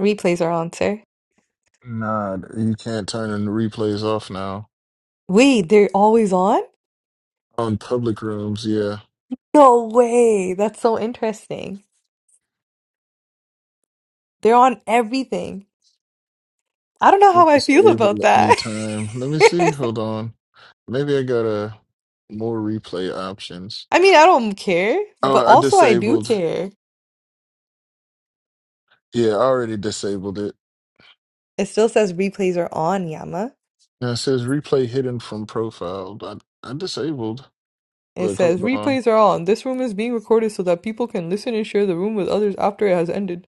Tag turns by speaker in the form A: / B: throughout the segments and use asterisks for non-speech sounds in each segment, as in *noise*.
A: Replays are on, sir.
B: Nah, you can't turn the replays off now.
A: Wait, they're always on?
B: On public rooms, yeah.
A: No way. That's so interesting. They're on everything. I don't know
B: I
A: how I feel about
B: disable at
A: that.
B: any time. Let me
A: *laughs*
B: see. Hold on. Maybe I got a more replay options.
A: I mean, I don't care,
B: Oh,
A: but
B: I
A: also I do
B: disabled.
A: care.
B: Yeah, I already disabled it.
A: It still says replays are on, Yama.
B: Now it says replay hidden from profile. I, I disabled.
A: It
B: Look,
A: says
B: hold on.
A: replays are on. This room is being recorded so that people can listen and share the room with others after it has ended.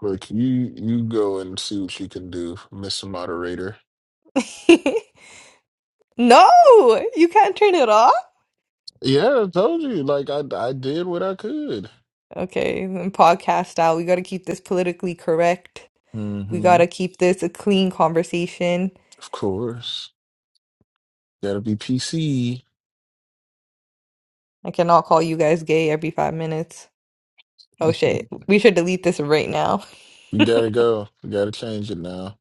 B: Look, you you go and see what you can do, Mr. Moderator.
A: *laughs* No, you can't turn it off.
B: Yeah, I told you. Like I I did what I could.
A: Okay, and podcast style. We got to keep this politically correct. We got
B: Mm-hmm.
A: to keep this a clean conversation.
B: Of course. Gotta be PC.
A: I cannot call you guys gay every five minutes. Oh
B: *laughs*
A: shit. We should delete this right now.
B: We gotta go. We gotta change it now.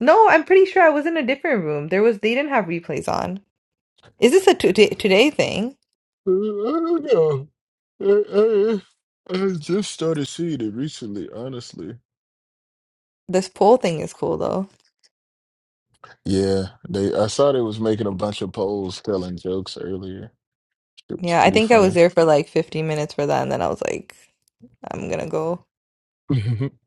A: No, I'm pretty sure I was in a different room. There was, they didn't have replays on. Is this a today, today thing?
B: Uh, I don't know. I, I, I just started seeing it recently, honestly.
A: This poll thing is cool though.
B: Yeah, they. I saw they was making a bunch of polls telling jokes earlier. It was
A: Yeah, I
B: pretty
A: think I was
B: funny.
A: there for like 15 minutes for that, and then I was like, I'm gonna go.
B: *laughs* Not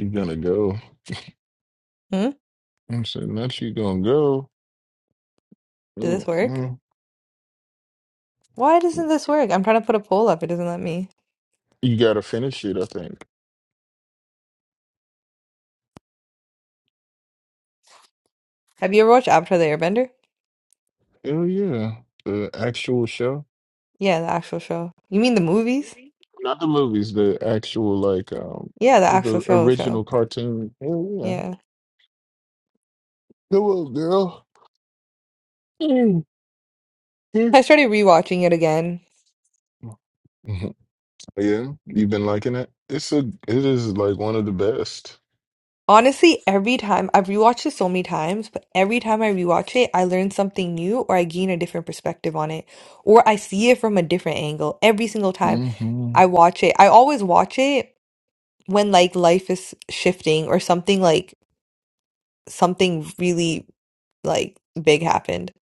B: you gonna go?
A: Hmm?
B: I'm saying, not you gonna go?
A: Did this work?
B: Mm-mm.
A: Why doesn't this work? I'm trying to put a poll up. It doesn't let me.
B: You gotta finish it, I think.
A: Have you ever watched Avatar the Airbender?
B: Oh yeah, the actual show.
A: Yeah, the actual show. You mean the movies?
B: Not the movies, the actual like um
A: Yeah, the actual
B: the
A: show show.
B: original cartoon. Oh yeah.
A: Yeah.
B: Go on, girl. *laughs* Mm, mm.
A: I started rewatching it again.
B: Mhm. Yeah, you've been liking it. It's a it is like one of the best.
A: Honestly, every time I've rewatched it so many times, but every time I rewatch it, I learn something new or I gain a different perspective on it, or I see it from a different angle. Every single time
B: hmm
A: I watch it, I always watch it when like life is shifting or something like something really like big happened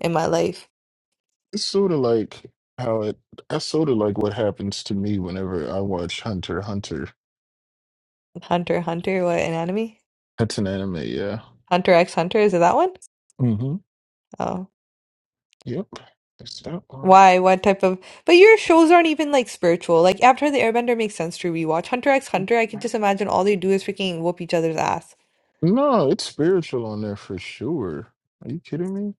A: in my life.
B: It's sort of like how it that's sort of like what happens to me whenever I watch Hunter x Hunter.
A: Hunter, x Hunter, what an anime?
B: That's an anime, yeah.
A: Hunter x Hunter, is it that one?
B: hmm
A: Oh.
B: Yep. It's that one.
A: Why? What type of? But your shows aren't even like spiritual. Like Avatar: The Airbender makes sense to rewatch. Hunter x Hunter, I can just imagine all they do is freaking whoop each other's ass.
B: No, it's spiritual on there for sure. Are you kidding me?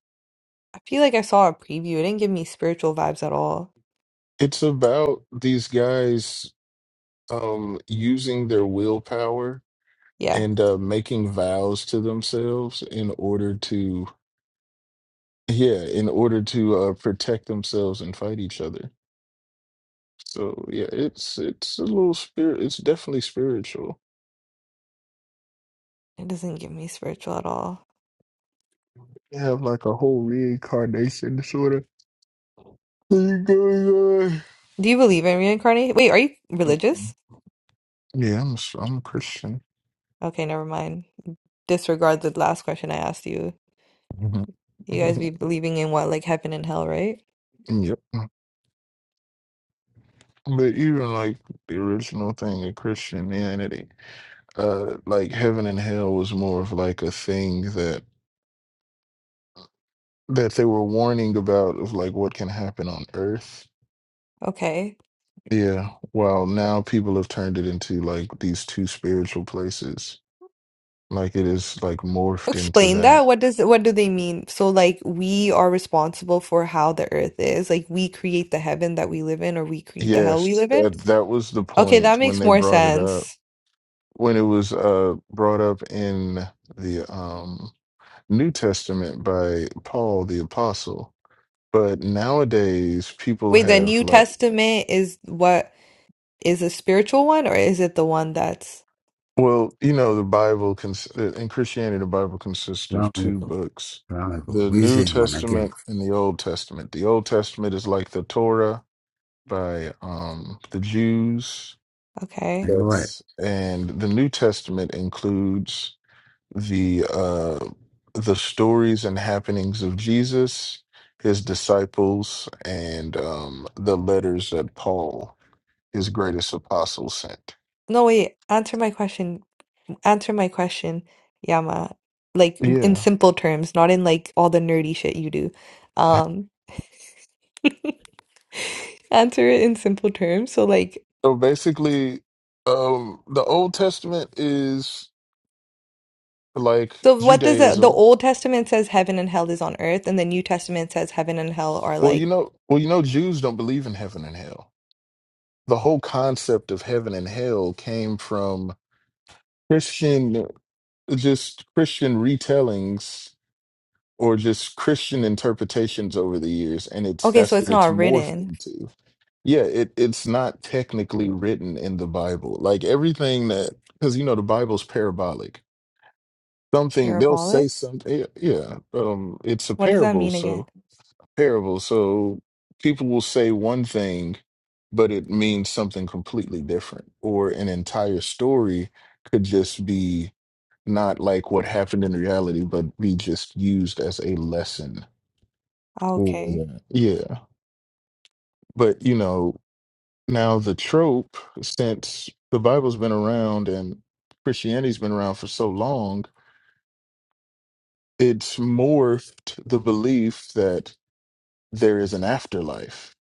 A: I feel like I saw a preview. It didn't give me spiritual vibes at all.
B: It's about these guys um, using their willpower
A: Yeah,
B: and uh, making vows to themselves in order to, yeah, in order to uh, protect themselves and fight each other. So yeah, it's it's a little spirit. It's definitely spiritual.
A: it doesn't give me spiritual at all.
B: They have like a whole reincarnation sort of thing going
A: Do you believe in reincarnation? Wait, are you
B: on.
A: religious?
B: Yeah, I'm a, s- I'm a Christian.
A: Okay, never mind. Disregard the last question I asked you.
B: Mhm.
A: You guys be
B: *laughs*
A: believing in what, like heaven and hell, right?
B: Yep. But even like the original thing of Christianity. uh like heaven and hell was more of like a thing that that they were warning about of like what can happen on earth
A: Okay.
B: yeah while now people have turned it into like these two spiritual places like it is like morphed into
A: Explain
B: that
A: that. What does what do they mean? So like we are responsible for how the earth is. Like we create the heaven that we live in or we create the hell we
B: yes
A: live in.
B: that that was the
A: Okay,
B: point
A: that
B: when
A: makes
B: they
A: more
B: brought it up
A: sense.
B: when it was uh brought up in the um new testament by paul the apostle but nowadays people
A: Wait, the
B: have
A: New
B: like
A: Testament is what is a spiritual one or is it the one that's
B: Well, you know, the Bible cons- uh, in Christianity, the Bible consists
C: Assalamu
B: of two
C: alaikum.
B: books
C: Assalamu alaikum.
B: the
C: We
B: New
C: say man again.
B: Testament and the Old Testament. The Old Testament is like the Torah by um, the Jews.
A: okay?
C: Anyway,
B: That's and the New Testament includes the uh, the stories and happenings of Jesus, his disciples, and um, the letters that Paul, his greatest apostle, sent.
A: No, wait, answer my question. Answer my question, Yama. Like in
B: Yeah,
A: simple terms, not in like all the nerdy shit you do. Um, answer it in simple terms. So like
B: So basically, um, the Old Testament is like
A: So what does the the
B: Judaism.
A: Old Testament says heaven and hell is on earth, and the New Testament says heaven and hell are
B: Well, you
A: like
B: know, well, you know, Jews don't believe in heaven and hell. The whole concept of heaven and hell came from Christian, just Christian retellings or just Christian interpretations over the years, and it's
A: okay, so
B: that's what
A: it's
B: it's
A: not
B: morphed
A: written.
B: into. Yeah, it it's not technically written in the Bible. Like everything that, because you know, the Bible's parabolic. something they'll say
A: Parabolic?
B: something yeah yeah, um it's a
A: What does that
B: parable
A: mean again?
B: so parable so people will say one thing but it means something completely different or an entire story could just be not like what happened in reality but be just used as a lesson
A: Oh,
B: for
A: okay.
B: that yeah but you know now the trope since the bible's been around and christianity's been around for so long it's morphed the belief that there is an afterlife.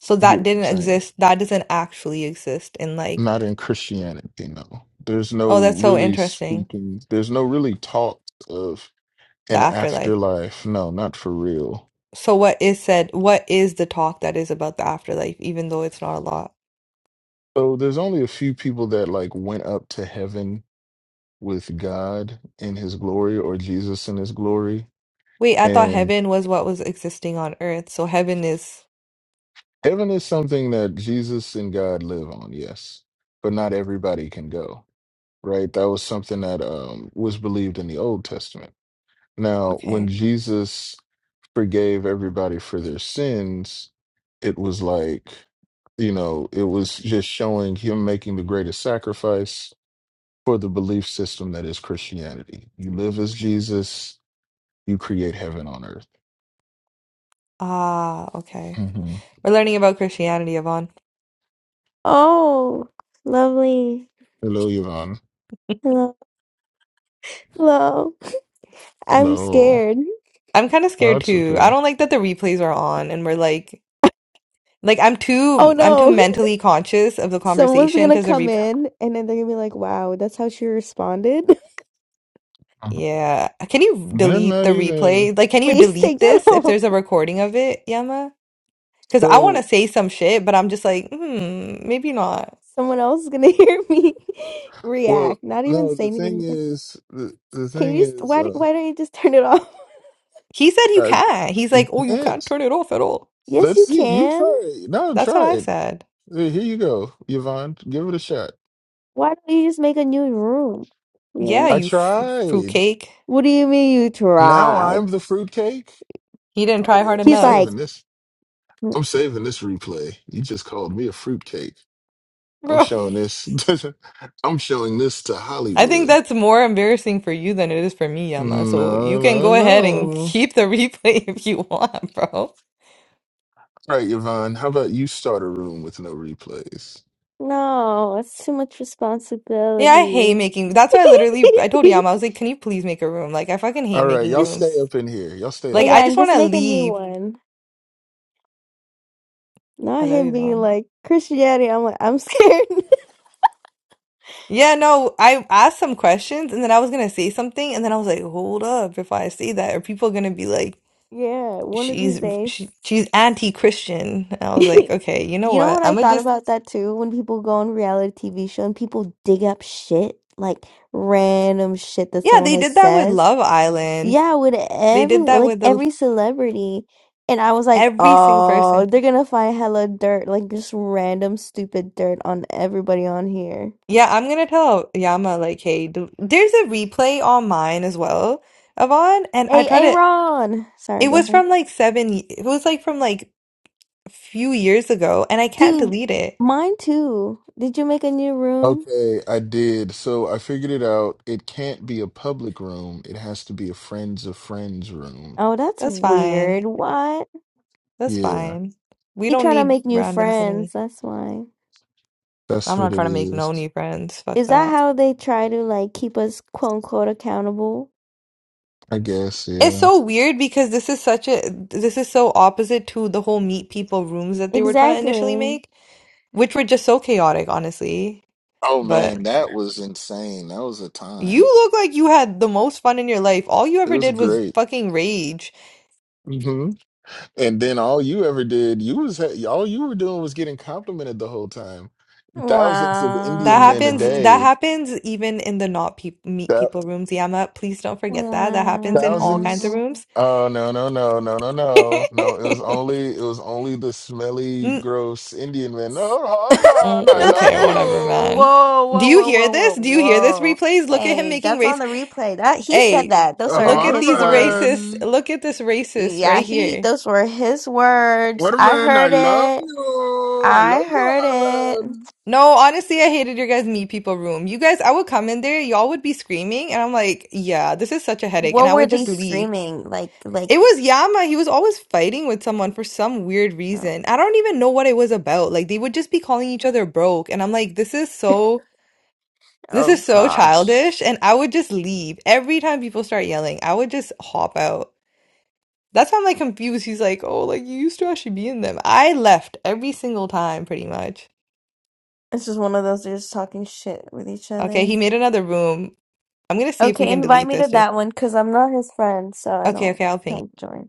A: So
B: You get
A: that
B: what
A: didn't
B: I'm saying?
A: exist. That doesn't actually exist in like
B: Not in Christianity, no. There's no
A: oh, that's so
B: really
A: interesting.
B: speaking, there's no really talk of
A: The
B: an
A: afterlife.
B: afterlife. No, not for real.
A: So what is said, what is the talk that is about the afterlife, even though it's not a lot?
B: So there's only a few people that like went up to heaven with God in his glory or Jesus in his glory.
A: Wait, I thought
B: And
A: heaven was what was existing on earth. So heaven is
B: heaven is something that Jesus and God live on, yes. But not everybody can go, right? That was something that um, was believed in the Old Testament. Now, when
A: okay.
B: Jesus forgave everybody for their sins, it was like, you know, it was just showing him making the greatest sacrifice for the belief system that is Christianity. You live as Jesus, you create heaven on earth.
A: Ah, okay.
B: hmm
A: We're learning about Christianity, Yvonne.
D: Oh, lovely.
B: Hello, Yvonne.
D: Hello. Hello. *laughs* I'm
B: Hello.
D: scared.
A: I'm kind of scared
B: That's
A: too. I
B: okay.
A: don't like that the replays are on and we're like like I'm
D: Oh
A: too I'm too
D: no.
A: mentally conscious of the
D: *laughs* Someone's
A: conversation
D: gonna
A: because the
D: come
A: replay
D: in and then they're gonna be like, wow, that's how she responded.
B: Mhm.
A: Yeah. Can you
B: They're
A: delete the
B: not even
A: replay? Like can
D: *laughs*
A: you
D: Please
A: delete
D: take that *laughs*
A: this if
D: off.
A: there's a recording of it, Yama? Because I want to
B: so.
A: say some shit, but I'm just like, hmm, maybe not.
D: Someone else is gonna *laughs* hear me
B: Well,
D: react, not even
B: no.
D: say
B: The thing
D: anything.
B: is, the, the
D: Can
B: thing
D: you just,
B: is,
D: why,
B: uh,
D: why don't you just turn it off? *laughs*
A: He said you
B: I,
A: can. He's like,
B: you
A: oh, you can't
B: can't.
A: turn it off at all.
D: Yes,
B: Let's
D: you
B: see. You
D: can.
B: try it. No,
A: That's what
B: try
A: I
B: it.
A: said.
B: Hey, Here you go, Yvonne. Give it a shot.
D: Why don't you just make a new room? Yeah.
A: Yeah,
B: I
A: you f-
B: tried.
A: fruitcake.
D: What do you mean you
B: Now
D: tried.
B: I'm the fruitcake.
A: He didn't
B: Oh
A: try
B: yeah,
A: hard
B: I'm
D: He's
A: enough,
D: like,
B: saving this. I'm saving this replay. You just called me a fruitcake.
A: *laughs*
B: I'm
A: bro.
B: showing this. *laughs* I'm showing this to
A: I think
B: Hollywood.
A: that's more embarrassing for you than it is for me, Yama. So you
B: No,
A: can
B: no,
A: go ahead
B: no.
A: and keep the replay *laughs* if you want, bro.
B: All right, Yvonne. How about you start a room with no replays?
D: no, it's too much
A: Yeah, I hate
D: responsibility.
A: making. That's why I literally I
D: *laughs*
A: told Yama I was like, "Can you please make a room?" Like I fucking hate
B: All right,
A: making
B: y'all
D: just
A: rooms.
B: stay up in here. Y'all stay
A: Like
B: up
A: I
D: yeah,
B: in
A: just
D: and
A: want
D: just
A: to
D: make a new
A: leave.
D: one. Not
A: Hello,
D: him being
A: Yvonne.
D: like Christianity. I'm like, I'm scared. *laughs*
A: Yeah, no, I asked some questions and then I was gonna say something and then I was like, "Hold up, if I say that, are people gonna be like,
D: yeah, one of these
A: she's
D: days.
A: she, she's anti-Christian?" And I
D: *laughs*
A: was like, "Okay, you know
D: You know
A: what?
D: what
A: I'm
D: I
A: gonna
D: thought
A: just
D: about that too? When people go on reality TV show and people dig up shit, like random shit that
A: yeah."
D: someone
A: They
D: has
A: did that with
D: says.
A: Love Island.
D: Yeah, with
A: They
D: every
A: did that
D: like
A: with the
D: every celebrity. And I was like,
A: Every single
D: oh,
A: person.
D: they're gonna find hella dirt, like just random stupid dirt on everybody on here.
A: Yeah, I'm gonna tell Yama like, hey, do, there's a replay on mine as well, Avon, and I
D: Hey,
A: tried to.
D: Aaron. Sorry,
A: It
D: go
A: was
D: ahead.
A: from like seven. y- It was like from like a few years ago, and I can't
D: Dude,
A: delete it.
D: mine too. Did you make a new room?
B: Okay, I did. So I figured it out. It can't be a public room. It has to be a friends of friends room.
D: Oh, that's
A: That's fine.
D: weird. What?
A: That's
B: Yeah,
A: fine. We
D: He
A: don't
D: trying to
A: need
D: make new
A: randoms
D: friends.
A: anyway.
D: That's why.
B: that's
A: I'm not
B: what it
A: trying to make no new
B: is.
A: friends. Fuck
D: Is that
A: that.
D: how they try to like keep us quote unquote accountable?
B: I guess,
A: It's
B: yeah.
A: so weird because this is such a this is so opposite to the whole meet people rooms that they were trying to initially
D: Exactly.
A: make, which were just so chaotic, honestly.
B: Oh
A: But.
B: man, that was insane. That was a
A: You
B: time.
A: look like you had the most fun in your life. All you
B: It
A: ever
B: was
A: did was
B: great.
A: fucking rage.
B: hmm And then all you ever did, you was all you were doing was getting complimented the whole time. Thousands of
A: That
B: Indian men a
A: happens. That
D: Wow.
B: day.
A: happens even in the not peop meet
B: That
A: people rooms, Yama. Please don't forget that. That happens in all kinds of
B: thousands.
D: Wow.
A: rooms.
B: Oh no no no no no no no! It was
A: *laughs*
B: only it was only the smelly,
A: Mm,
B: gross Indian men. No,
A: oh,
B: Harman,
D: *laughs*
B: I
A: okay, whatever,
B: love
A: man.
D: whoa,
A: Do
D: whoa,
A: you
D: whoa,
A: hear
D: whoa,
A: this?
D: whoa,
A: Do you hear this
D: whoa.
A: replays? Look at him
D: Hey,
A: making
D: that's on
A: race.
D: the replay. That he said
A: Hey,
D: that.
B: you,
D: Those are
A: look at
D: his
A: these
D: words.
A: racists.
B: Harman.
A: Look at this racist
D: Yeah,
A: right
D: he,
A: here.
D: those were his words. I
B: Waterman, I
D: heard
B: love
D: it.
B: you. I
D: I
B: love you,
D: heard it.
B: Waterman.
A: No, honestly, I hated your guys' meet people room. You guys, I would come in there, y'all would be screaming, and I'm like, yeah, this is such a headache, and
D: What
A: I
D: were
A: would
D: they
A: just leave.
D: screaming? Like, like,
A: It was Yama. He was always fighting with someone for some weird
D: oh
A: reason. I don't even know what it was about. Like they would just be calling each other broke, and I'm like, this is so, this
D: oh
A: is so
D: gosh.
A: childish, and I would just leave. Every time people start yelling, I would just hop out. That's why I'm like confused. He's like, oh, like you used to actually be in them. I left every single time, pretty much.
D: This is one of those they're just talking shit with each
A: Okay,
D: other.
A: he made another room. I'm gonna see if we
D: Okay,
A: can
D: invite
A: delete
D: me to
A: this too.
D: that one because I'm not his friend, so I
A: Okay,
D: don't
A: okay, I'll ping
D: like join.